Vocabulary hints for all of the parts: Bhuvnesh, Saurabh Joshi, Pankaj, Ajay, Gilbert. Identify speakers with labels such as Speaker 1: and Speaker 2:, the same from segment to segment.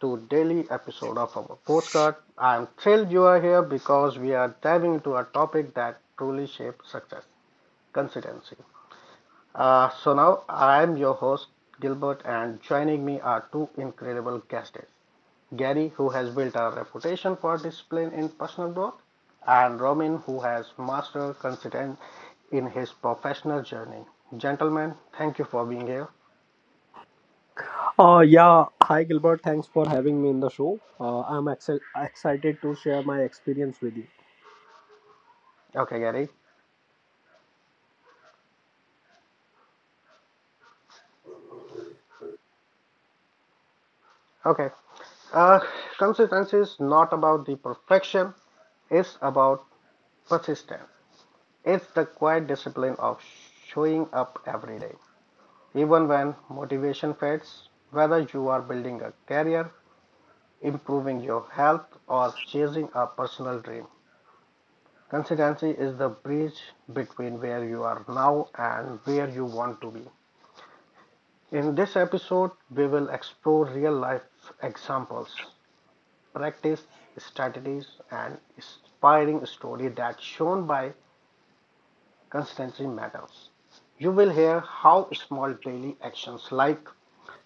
Speaker 1: to daily episode of our postcard. I am thrilled you are here because we are diving into a topic that truly shapes success, consistency. Now I am your host Gilbert, and joining me are two incredible guests: Gary, who has built a reputation for discipline in personal growth, and Romin, who has mastered consistency in his professional journey. Gentlemen, thank you for being here.
Speaker 2: Yeah, Hi Gilbert. Thanks for having me in the show. I'm excited to share my experience with you.
Speaker 1: Okay, Gary. Okay. Uh, consistency is not about the perfection, it's about persistence. It's the quiet discipline of showing up every day, even when motivation fades, whether you are building a career, improving your health, or chasing a personal dream. Consistency is the bridge between where you are now and where you want to be. In this episode, we will explore real life examples practice, strategies, and inspiring story that shown by consistency matters. You will hear how small daily actions like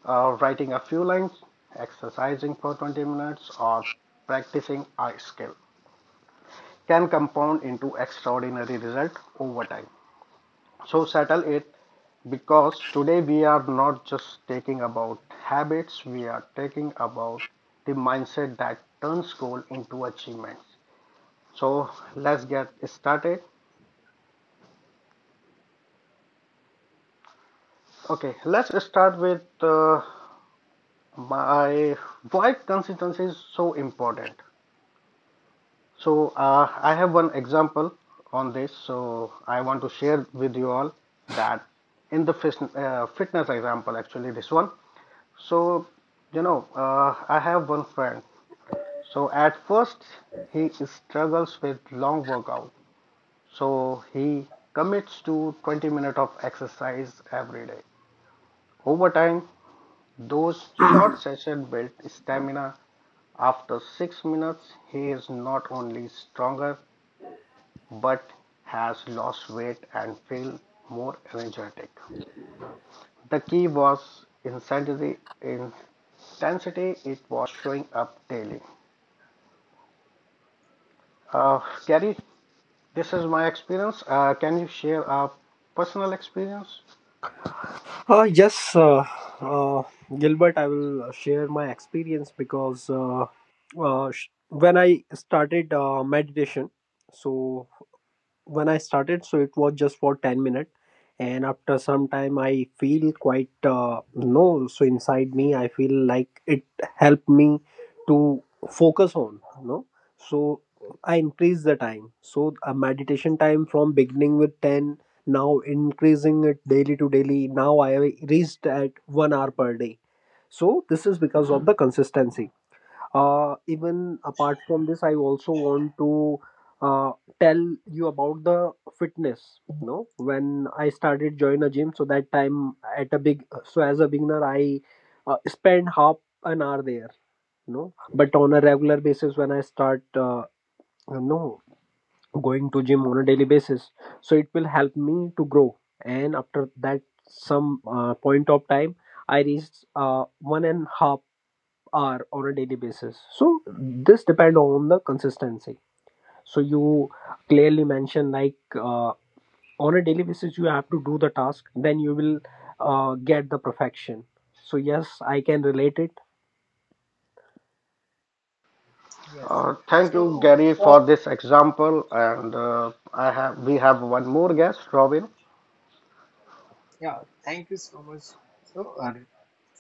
Speaker 1: writing a few lines, exercising for 20 minutes, or practicing a skill can compound into extraordinary result over time. So settle it because today we are not just taking about habits, we are taking about the mindset that turns goal into achievements. So let's get started. Okay, let's start with my why consistency is so important. So I have one example on this. So I want to share with you all that in the fitness fitness example, actually this one. So I have one friend. So at first he struggles with long workout. So he commits to 20 minutes of exercise every day. Over time, those short sessions build stamina. After 6 minutes, he is not only stronger but has lost weight and feel more energetic. The key was intensity. Intensity. It was showing up daily. Uh, Gary, this is my experience. Can you share a personal experience?
Speaker 2: Uh, yes, uh, uh, Gilbert, I will share my experience because when I started meditation, so so it was just for 10 minutes. And after some time, I feel quite no. So inside me, I feel like it helped me to focus on no. So I increase the time. So a meditation time from beginning with 10, now increasing it daily to daily. Now I reached at 1 hour per day. So this is because of the consistency. Even apart from this, I also want to uh, tell you about the fitness. You know, when I started join a gym, so that time at a big, so as a beginner, I spend half an hour there. You know, but on a regular basis, when I start, you know, going to gym on a daily basis, so it will help me to grow. And after that, some point of time, I reached one and half hour on a daily basis. So this depend on the consistency. So you clearly mention like, on a daily basis you have to do the task, then you will get the perfection. So yes, I can relate
Speaker 3: Yes.
Speaker 1: Thank you,
Speaker 3: So
Speaker 1: Gary,
Speaker 3: for
Speaker 1: for this example. And I have we have one more guest, Robin.
Speaker 3: yeah, thank you so much. So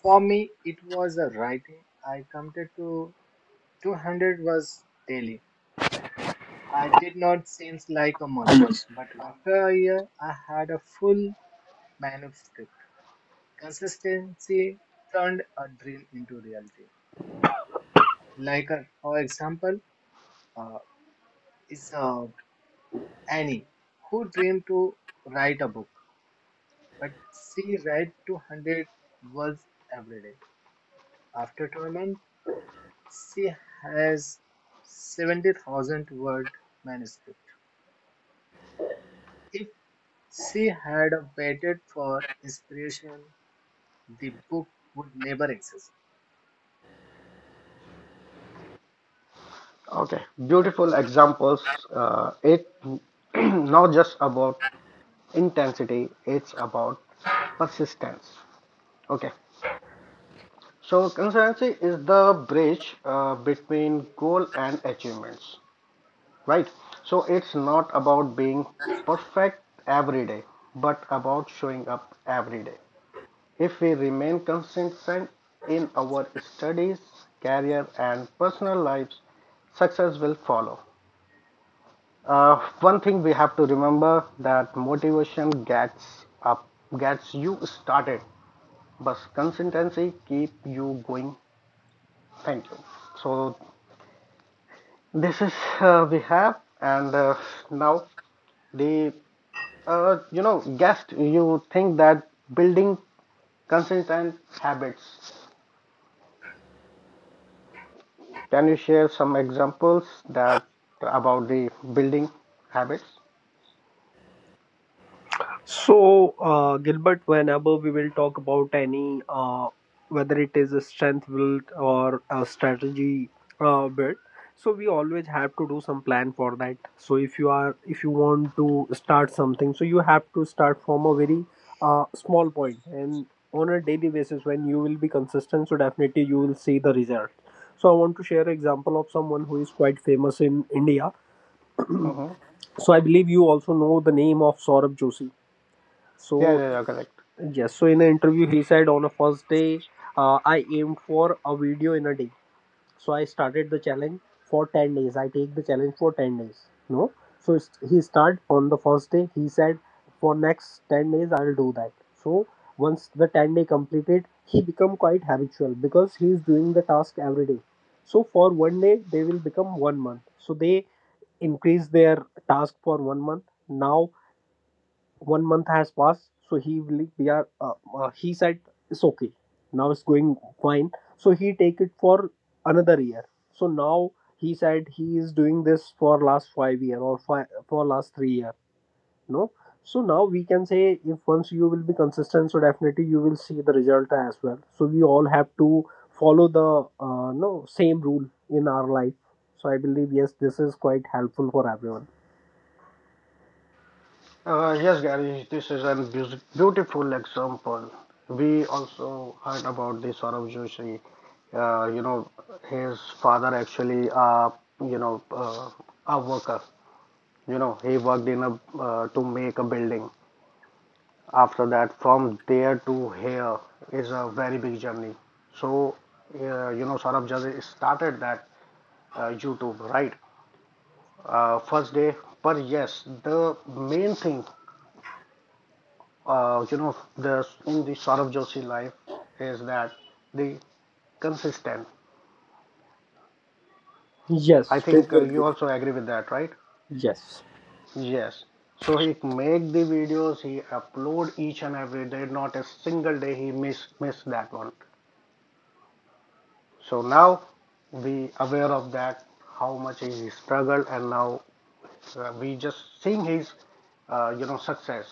Speaker 3: for me, it was a writing. I counted to 200 words daily. I did not seems like a much,
Speaker 2: it.
Speaker 3: but after a year, I had a full manuscript. Consistency turned a dream into reality. Like a, for example, uh, is Annie who dreamed to write a book, but she read 200 words every day after Tolman, she has 70,000 word manuscript. If she had waited for inspiration, the book would never exist.
Speaker 1: Okay,
Speaker 3: Then,
Speaker 1: beautiful examples. It not just about intensity; it's about persistence. Okay, so consistency is the bridge between goal and achievements, right? So it's not about being perfect every day, but about showing up every day. If we remain consistent in our studies, career, and personal lives, success will follow. One thing we have to remember that motivation gets up, gets you started, but consistency keep you going. Thank you. So this is we have, and now the guest. You think that building consistent habits. Can you share some examples that about the building habits?
Speaker 2: So, Gilbert, whenever we will talk about any, whether it is a strength build or a strategy build, so we always have to do some plan for that. So, if you want to start something, so you have to start from a very small point, and on a daily basis when you will be consistent, so definitely you will see the result. So, I want to share an example of someone who is quite famous in India.
Speaker 1: Hmm.
Speaker 2: So, I believe you also know the name of Saurabh Joshi.
Speaker 1: Yeah,
Speaker 2: So
Speaker 1: yeah, yeah, correct.
Speaker 2: yes, so in the interview, he said on a first day, I aimed for a video in a day. So I started the challenge for 10 days. I take the challenge for 10 days. No, so he start on the first day. He said, for next 10 days, I will do that. So once the 10-day completed, he become quite habitual because he is doing the task every day. So for 1 day, they will become 1 month. So they increase their task for 1 month. Now 1 month has passed, so he will we are he said it's okay, now it's going fine, so he take it for another year. So now he said he is doing this for last 5 year or five, for last 3 year. No, so now we can say if once you will be consistent, so definitely you will see the result as well. So we all have to follow the no same rule in our life. So I believe yes, this is quite helpful for everyone.
Speaker 1: Yes, Gary, this is a beautiful example. We also heard about the Saurabh Joshi. Uh, you know, his father actually, you know, uh, a worker. You know, he worked in a to make a building. After that, from there to here is a very big journey. So, Saurabh Joshi started that YouTube, right? First day, but yes, the main thing the in the Saurabh Joshi life is that the consistent.
Speaker 2: Yes,
Speaker 1: I think
Speaker 2: totally
Speaker 1: you
Speaker 2: agree.
Speaker 1: also agree with that, right?
Speaker 2: Yes.
Speaker 1: Yes. So he make the videos, he upload each and every day. Not a single day he miss that one. So now we aware of that how much he struggled, and now we just seeing his success.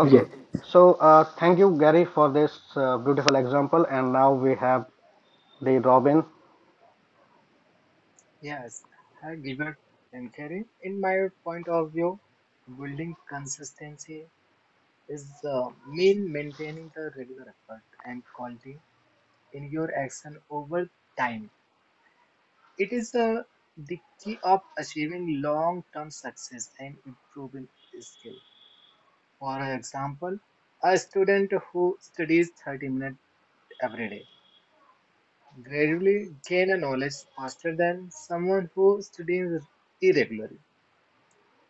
Speaker 1: Okay.
Speaker 2: Yes.
Speaker 1: So thank you, Gary, for this beautiful example. And now we have the Robin.
Speaker 3: yes, I give it and carry. In my point of view, building consistency is mean maintaining the regular effort and quality in your action over time. It is the key of achieving long-term success and improving skill. For example, a student who studies 30 minutes every day gradually gain a knowledge faster than someone who studies irregularly.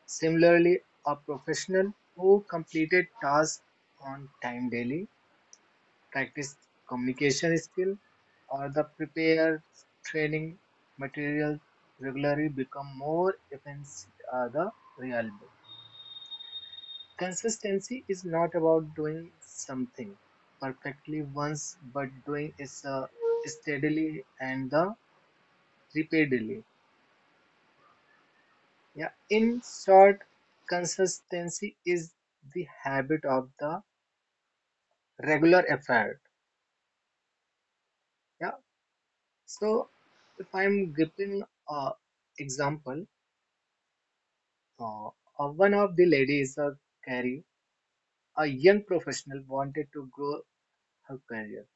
Speaker 3: Similarly, a professional who completed tasks on time daily practice communication skill or the prepare training material regularly become more offensive are the reliable. Consistency is not about doing something perfectly once, but doing it steadily and the repeatedly. Yeah. In short, consistency is the habit of the regular effort. Yeah. So if I'm giving a example, Uh, one of the ladies, Carrie, a young professional, wanted to grow her career.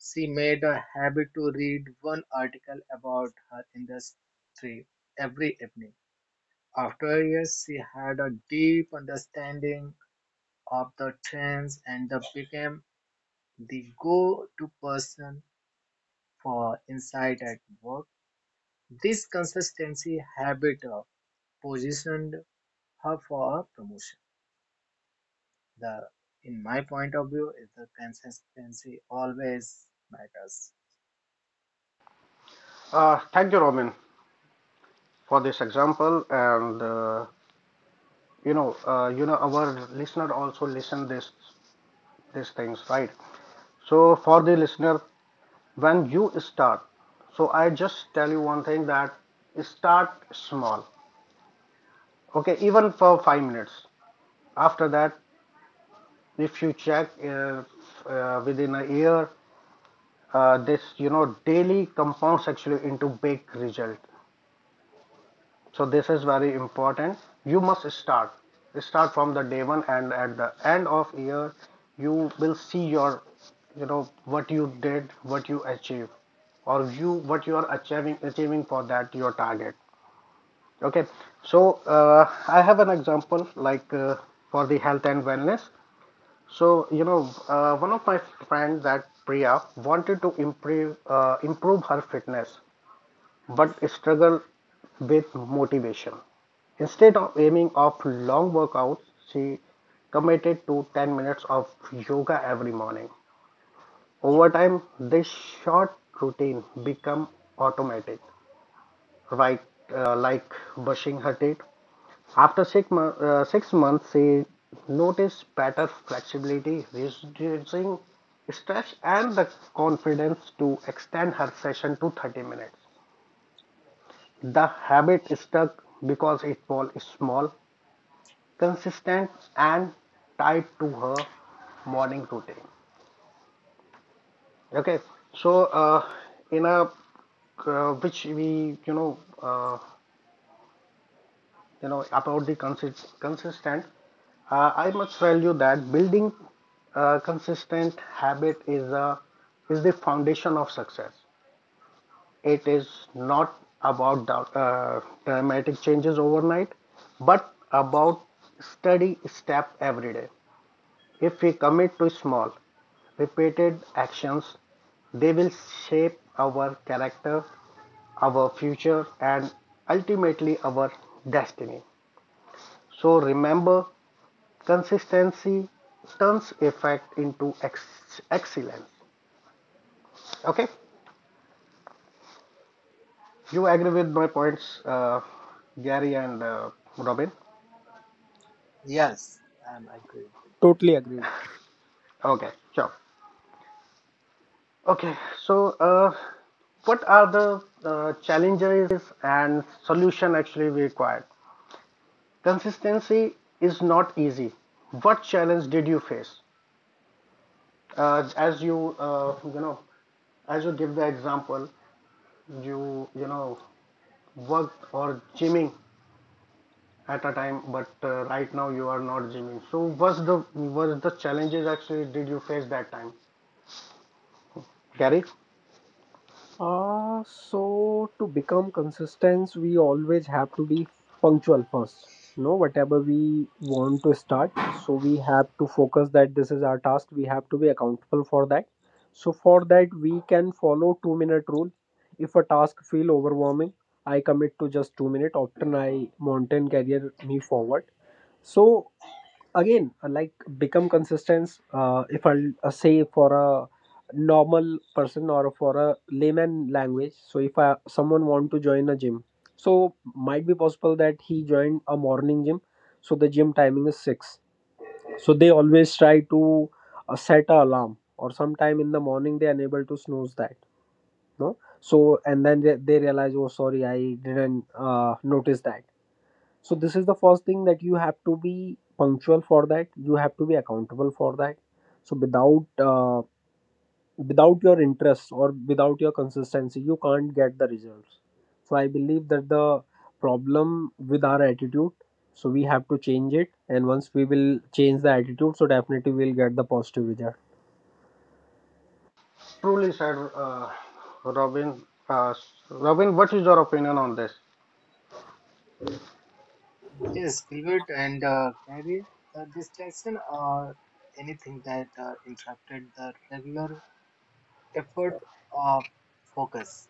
Speaker 3: She made a habit to read one article about her industry every evening. After years, she had a deep understanding of the trends and the became the go-to person for insight at work. This consistency habit positioned her for a promotion. The in my point of view is the consistency always matters.
Speaker 1: Thank you, Robin, for this example. And our listener also listen this these things, right? So for the listener, when you start, so I just tell you one thing that start small, okay? Even for 5 minutes. After that, if you check within a year, this daily compounds actually into big result. So this is very important you must start from the day one and at the end of year you will see your what you did what you achieved or you what you are achieving for that your target. Okay, so I have an example like for the health and wellness. So you know one of my friends that Priya wanted to improve her fitness but struggled with motivation. Instead of aiming off long workouts, she committed to 10 minutes of yoga every morning. Over time, this short routine became automatic, right? Like brushing her teeth. After 6 months, she noticed better flexibility, reducing stress, and the confidence to extend her session to 30 minutes. The habit stuck because it was small consistent and tied to her morning routine. Okay, so in a which we about the consistent, I must tell you that building a consistent habit is the foundation of success. It is not about uh, dramatic changes overnight, but about steady step every day. If we commit to small, repeated actions. They will shape our character, our future, and ultimately our destiny. So remember, consistency turns effect into excellence. Okay, you agree with my points, Gary and Robin?
Speaker 3: Yes, I'm agree with
Speaker 2: Totally agreed.
Speaker 1: Okay, sure. Okay, so what are the challenges and solution actually required? Consistency is not easy. What challenge did you face? Uh, as you, uh, you know, as you give the example, you, you know, worked or gymming at a time, but right now you are not gymming. So, was the challenges actually did you face that time, Gary?
Speaker 2: So to become consistent, we always have to be punctual first. No, whatever we want to start, so we have to focus that this is our task. We have to be accountable for that. So for that, we can follow 2 minute rule. If a task feel overwhelming, I commit to just 2 minute. Often I mountain career me forward. So again like become consistent. If I'll say for a normal person or for a layman language, so if I, someone want to join a gym, so might be possible that he joined a morning gym, so the gym timing is 6, so they always try to set a alarm, or sometime in the morning they are unable to snooze that. No, so and then they realize, oh sorry, I didn't notice that. So this is the first thing that you have to be punctual for that, you have to be accountable for that. So without without your interest or without your consistency, you can't get the results. So I believe that the problem with our attitude, so we have to change it, and once we will change the attitude, so definitely we'll get the positive result.
Speaker 1: Truly said, Robin. Uh, Robin, what is your opinion on this?
Speaker 3: that. Yes, Gilbert, and Gary, the distraction or anything that interrupted the regular effort of focus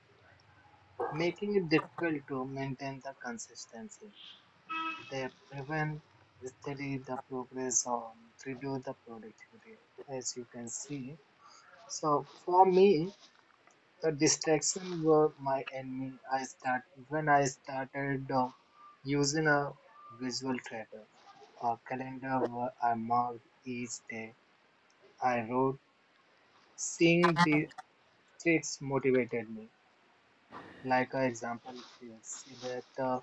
Speaker 3: making it difficult to maintain the consistency, they prevent steady the progress or reduce the productivity as you can see. So for me the distraction were my enemy. I started using a visual tracker, a calendar where I marked each day I wrote. Seeing the streaks motivated me. Like an example, if you see that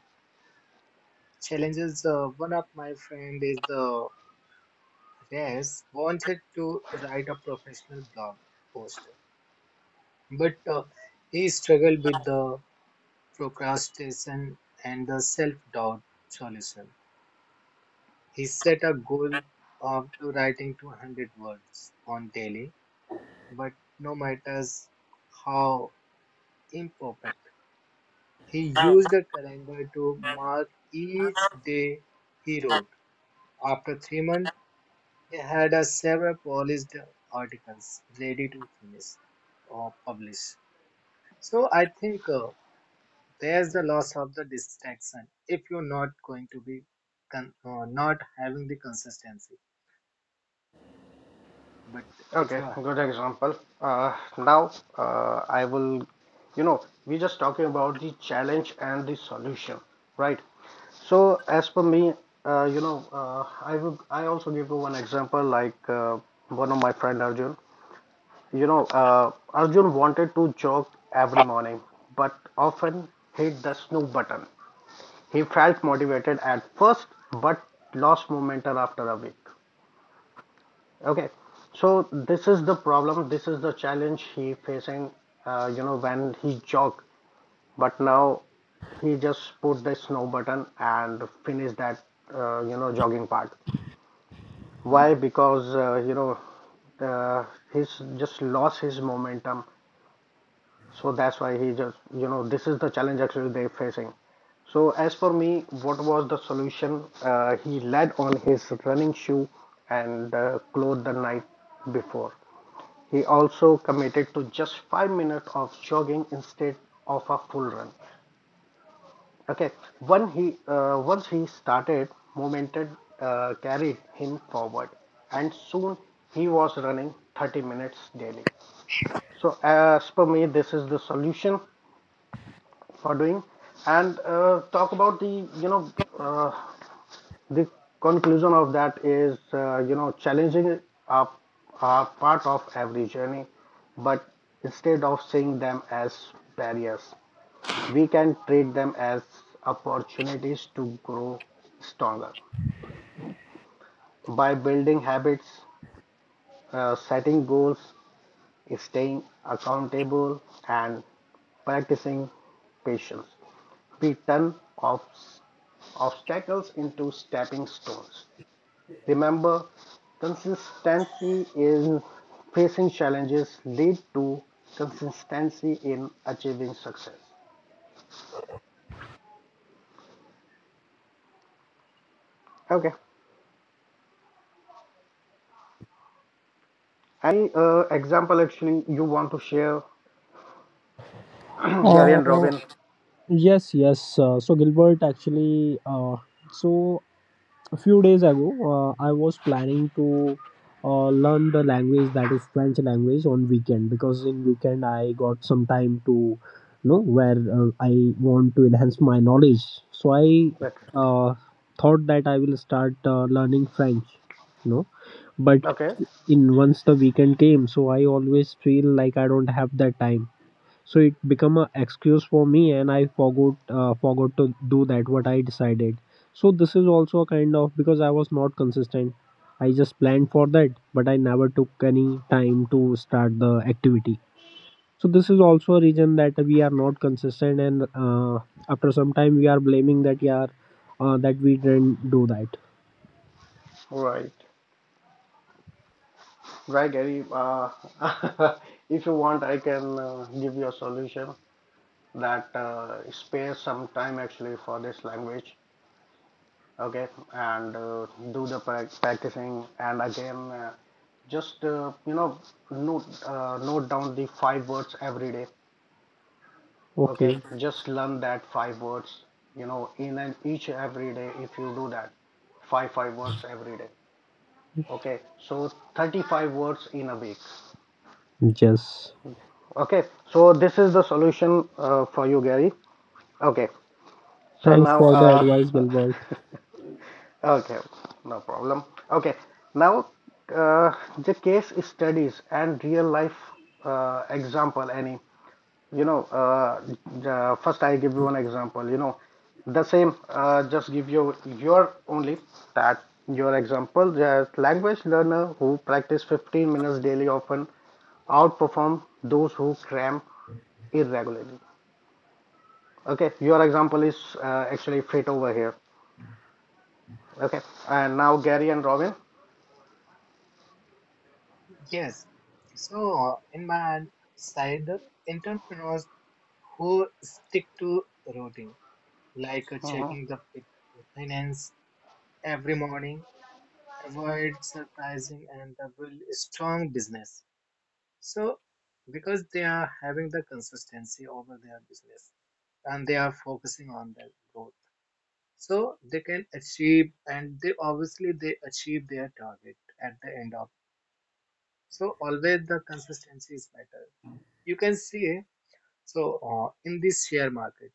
Speaker 3: challenges, one of my friend is the race wanted to write a professional blog post, but he struggled with the procrastination and the self-doubt solution. He set a goal of to writing 200 words on daily, but no matters how imperfect, he used a calendar to mark each day he wrote. After 3 months, he had a several polished articles ready to finish or publish. So I think there's the loss of the distraction if you're not going to be not having the consistency. But if
Speaker 1: Okay,
Speaker 3: you are,
Speaker 1: good example. Now, I will, you know, we just talking about the challenge and the solution, right? So, as per me, I will, I also give you one example like one of my friend Arjun. Arjun wanted to jog every morning, but often hit the snooze button. He felt motivated at first, but lost momentum after a week. Okay, so this is the problem. This is the challenge he facing. When he jog, but now he just put the snow button and finish that jogging part. Why? Because uh, he's just lost his momentum. So that's why he just this is the challenge actually they facing. So as for me, what was the solution? He led on his running shoe and clothed the night before. He also committed to just 5 minutes of jogging instead of a full run. Okay, when he once he started, momentum carried him forward, and soon he was running 30 minutes daily. So, as per me, this is the solution for doing. And talk about the you know uh, the conclusion of that is challenging are, are part of every journey but instead of seeing them as barriers we can treat them as opportunities to grow stronger by building habits setting goals staying accountable and practicing patience we turn obs- obstacles into stepping stones. Remember, consistency in facing challenges lead to consistency in achieving success. Okay. Any example actually you want to share, Gary and
Speaker 2: Uh,
Speaker 1: Robin?
Speaker 2: yes, yes. So Gilbert, actually, so a few days ago I was planning to learn the language, that is french language, on weekend, because in weekend I got some time to you know where I want to enhance my knowledge. So I
Speaker 1: Okay.
Speaker 2: uh, thought that I will start learning french, you know. But
Speaker 1: Okay.
Speaker 2: in once the weekend came, so I always feel like I don't have that time, so it become a excuse for me, and I forgot to do that what I decided. So this is also a kind of, because I was not consistent, I just planned for that but I never took any time to start the activity. So this is also a reason that we are not consistent, and after some time we are blaming that yeah that we didn't do that.
Speaker 1: Right. Right, Gary. If you want, I can give you a solution that spares some time actually for this language okay and do the practicing and again just you know note note down the five words every day okay
Speaker 2: Okay,
Speaker 1: just learn that five words in an each every day if you do that five words every day okay so 35 words in a week
Speaker 2: yes,
Speaker 1: okay so this is the solution for you Gary okay so
Speaker 2: thanks
Speaker 1: now
Speaker 2: for the advice Gilbert.
Speaker 1: okay, no problem. Okay, now uh, the case studies and real life example, any, you know, uh, the, first I give you an example, you know, the same, just give you your only that your example, the language learner who practice 15 minutes daily often outperform those who cram irregularly. Okay, your example is actually fit over here. Okay, and now Gary and Robin.
Speaker 3: yes. So in my side, the entrepreneurs who stick to routine, like
Speaker 1: Mm-hmm.
Speaker 3: checking the finance every morning, avoid surprising and build a strong business. So because they are having the consistency over their business and they are focusing on their growth, so they can achieve, and they obviously they achieve their target at the end of. So always the consistency is better. You can see. So in this share market,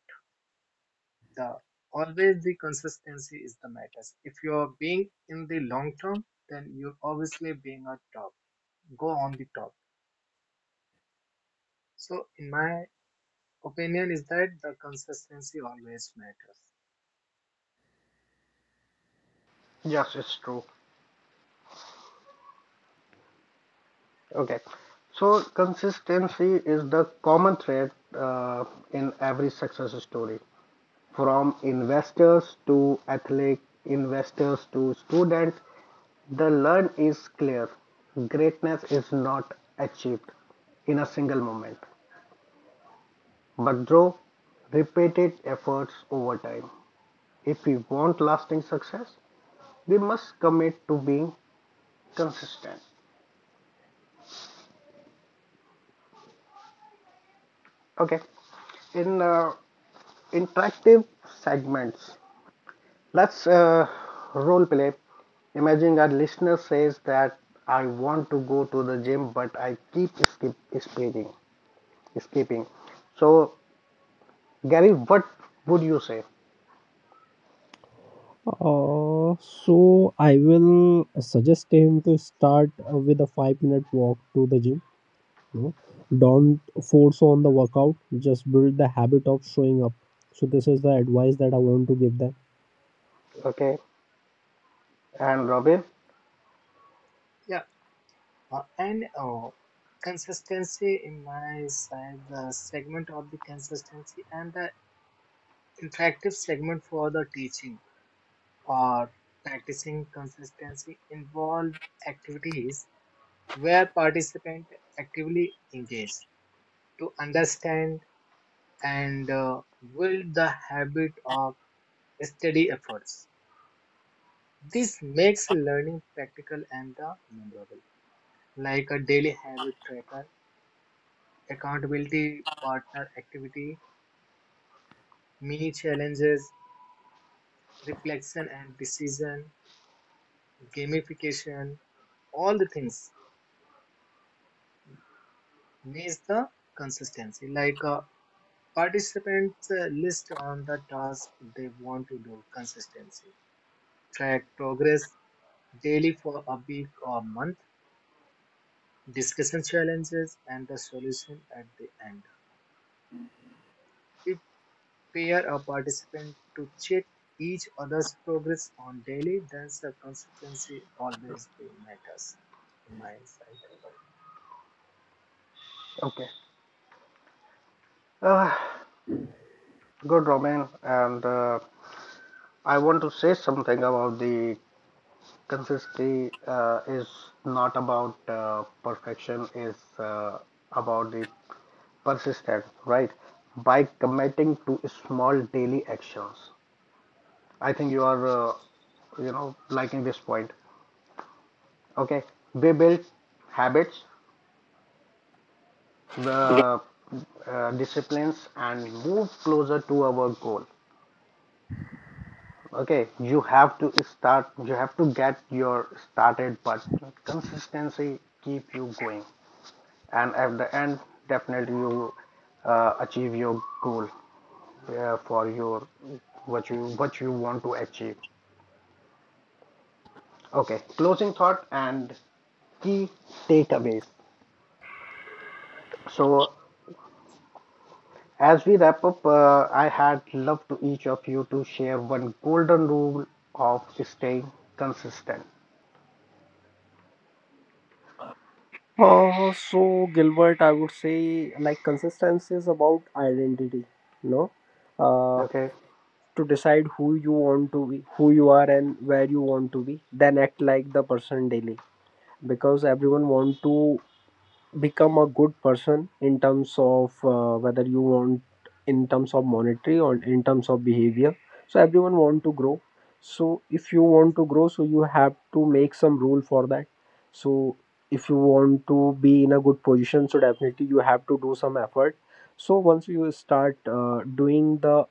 Speaker 3: the always the consistency is the matters. If you are being in the long term, then you're obviously being a top. Go on the top. So in my opinion, is that the consistency always matters.
Speaker 1: Yes, it's true. Okay. So consistency is the common thread uh, in every success story, from investors to athlete, investors to students. The learn is clear. Greatness is not achieved in a single moment, but through repeated efforts over time. If we want lasting success, we must commit to being consistent. Okay. In interactive segments, let's role play. Imagine our listener says that I want to go to the gym, but I keep skipping. So, Gary, what would you say?
Speaker 2: So I will suggest him to start with a 5 minute walk to the gym. You know, don't force on the workout. Just build the habit of showing up. So this is the advice that I want to give them.
Speaker 1: Okay, and Robin.
Speaker 3: Yeah. And consistency in my side, the segment of the consistency and the interactive segment for the teaching or practicing consistency involved activities where participants actively engage to understand and build the habit of steady efforts. This makes learning practical and memorable, like a daily habit tracker, accountability partner activity, mini challenges, reflection and decision, gamification, all the things needs the consistency. Like participants list on the task they want to do consistency, track progress daily for a week or month, discussion challenges and the solution at the end. If pair a participant to check each other's progress on daily, then the consistency always matters in my insight.
Speaker 1: Okay, uh, good, Robin. And I want to say something about the consistency is not about perfection. Is about the persisted, right? By committing to small daily actions. I think you are, liking this point. Okay, we build habits, the disciplines, and move closer to our goal. Okay, you have to start. You have to get your started, but consistency keep you going, and at the end, definitely you achieve your goal for your what you want to achieve. Okay, closing thought and key takeaways. So, as we wrap up, I had loved to each of you to share one golden rule of staying consistent.
Speaker 2: So Gilbert, I would say like consistency is about identity. No, uh,
Speaker 1: Okay,
Speaker 2: to decide who you want to be, who you are, and where you want to be. Then act like the person daily, because everyone want to become a good person. In terms of whether you want, in terms of monetary or in terms of behavior, so everyone want to grow. So if you want to grow, so you have to make some rule for that. So if you want to be in a good position, so definitely you have to do some effort. So once you start doing the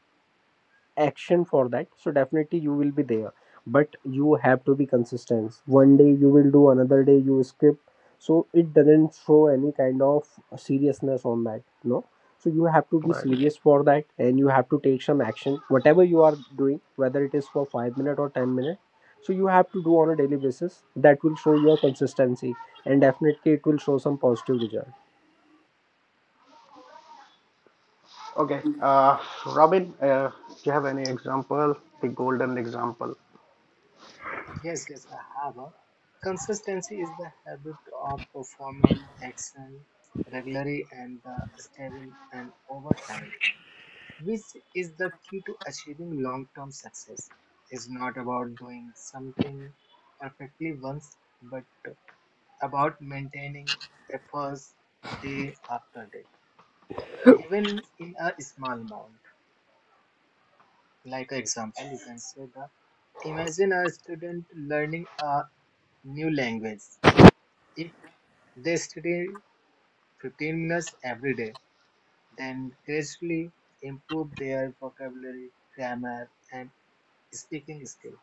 Speaker 2: action for that, so definitely you will be there. But you have to be consistent. One day you will do, another day you skip, so it doesn't show any kind of seriousness on that. No, so you have to be
Speaker 1: right.
Speaker 2: serious for that, and you have to take some action, whatever you are doing, whether it is for 5 minutes or 10 minutes, so you have to do on a daily basis, that will show your consistency, and definitely it will show some positive result.
Speaker 1: Okay. Robin, do you have any example? The golden example.
Speaker 3: Yes, yes, I have. A consistency is the habit of performing action regularly and stable and over time, which is the key to achieving long term success. It's not about doing something perfectly once, but about maintaining efforts day after day, even in a small amount. Like example, you can say the imagine a student learning a new language. If they study 15 minutes every day, then gradually improve their vocabulary, grammar, and speaking skill.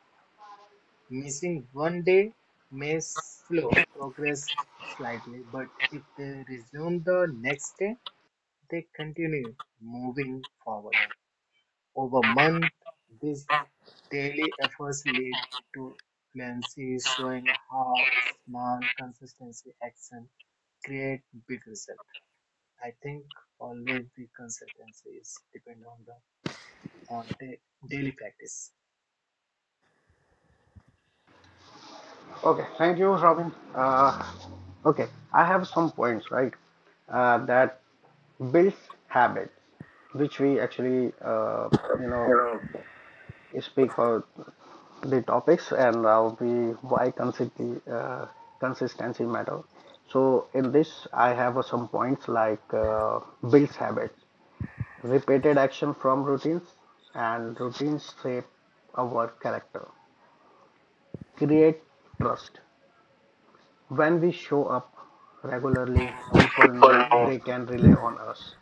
Speaker 3: Missing one day may slow progress slightly, but if they resume the next day, they continue moving forward. Over month, these daily efforts lead to fluency, showing how small, consistency action create big results. I think always the consistency is depend on the on da daily practice.
Speaker 1: Okay, thank you, Robin. Okay, I have some points, right? That builds habits, which we actually, you know, speak for the topics and we why consistency consistency matter. So in this I have some points like builds habits repeated action from routines and routines shape our character create trust when we show up regularly people know they can rely on us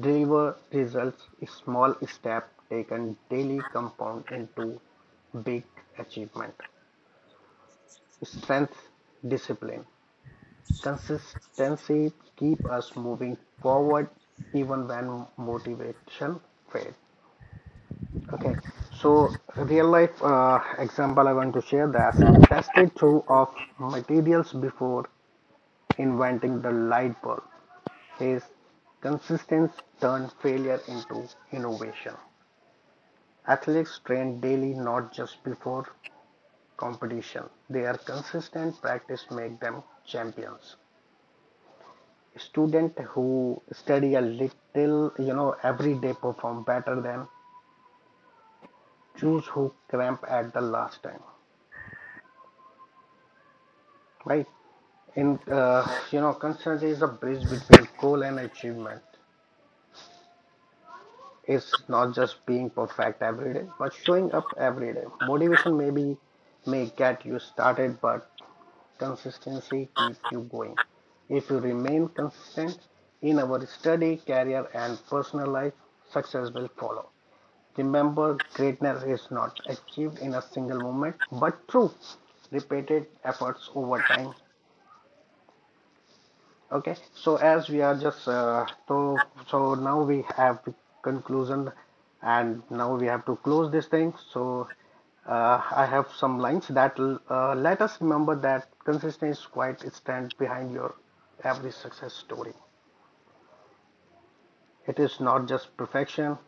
Speaker 1: deliver results. A small step taken daily compound into big achievement strength discipline. Consistency keep us moving forward even when motivation fades. Okay, so real life example I want to share that tested through of materials before inventing the light bulb. His consistency turned failure into innovation. Athletes train daily not just before competition. Their consistent practice make them champions. Student who study a little, you know, every day perform better than choose who cramp at the last time, right? In concern is a bridge between goal and achievement. It's not just being perfect every day, but showing up every day. Motivation maybe may get you started, but consistency keep you going. If you remain consistent in our study, career, and personal life, success will follow. Remember, greatness is not achieved in a single moment, but through repeated efforts over time. Okay, so as we are just now we have conclusion, and now we have to close this thing. So I have some lines that let us remember that consistency quite stand behind your every success story. It is not just perfection,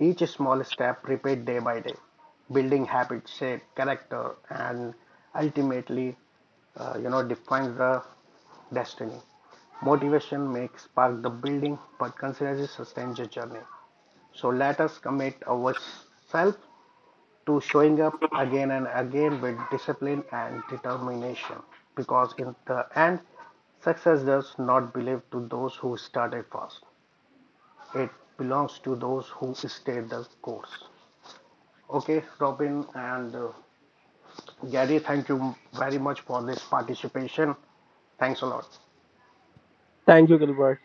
Speaker 1: each small step repeat day by day, building habits, shape character, and ultimately, defines the destiny. Motivation may spark the building, but consistency sustains the journey. So let us commit ourselves to showing up again and again with discipline and determination, because in the end, success does not belong to those who started fast. It belongs to those who stayed the course. Okay, Robin and Gary, thank you very much for this participation. Thanks a lot.
Speaker 2: Thank you Gilbert.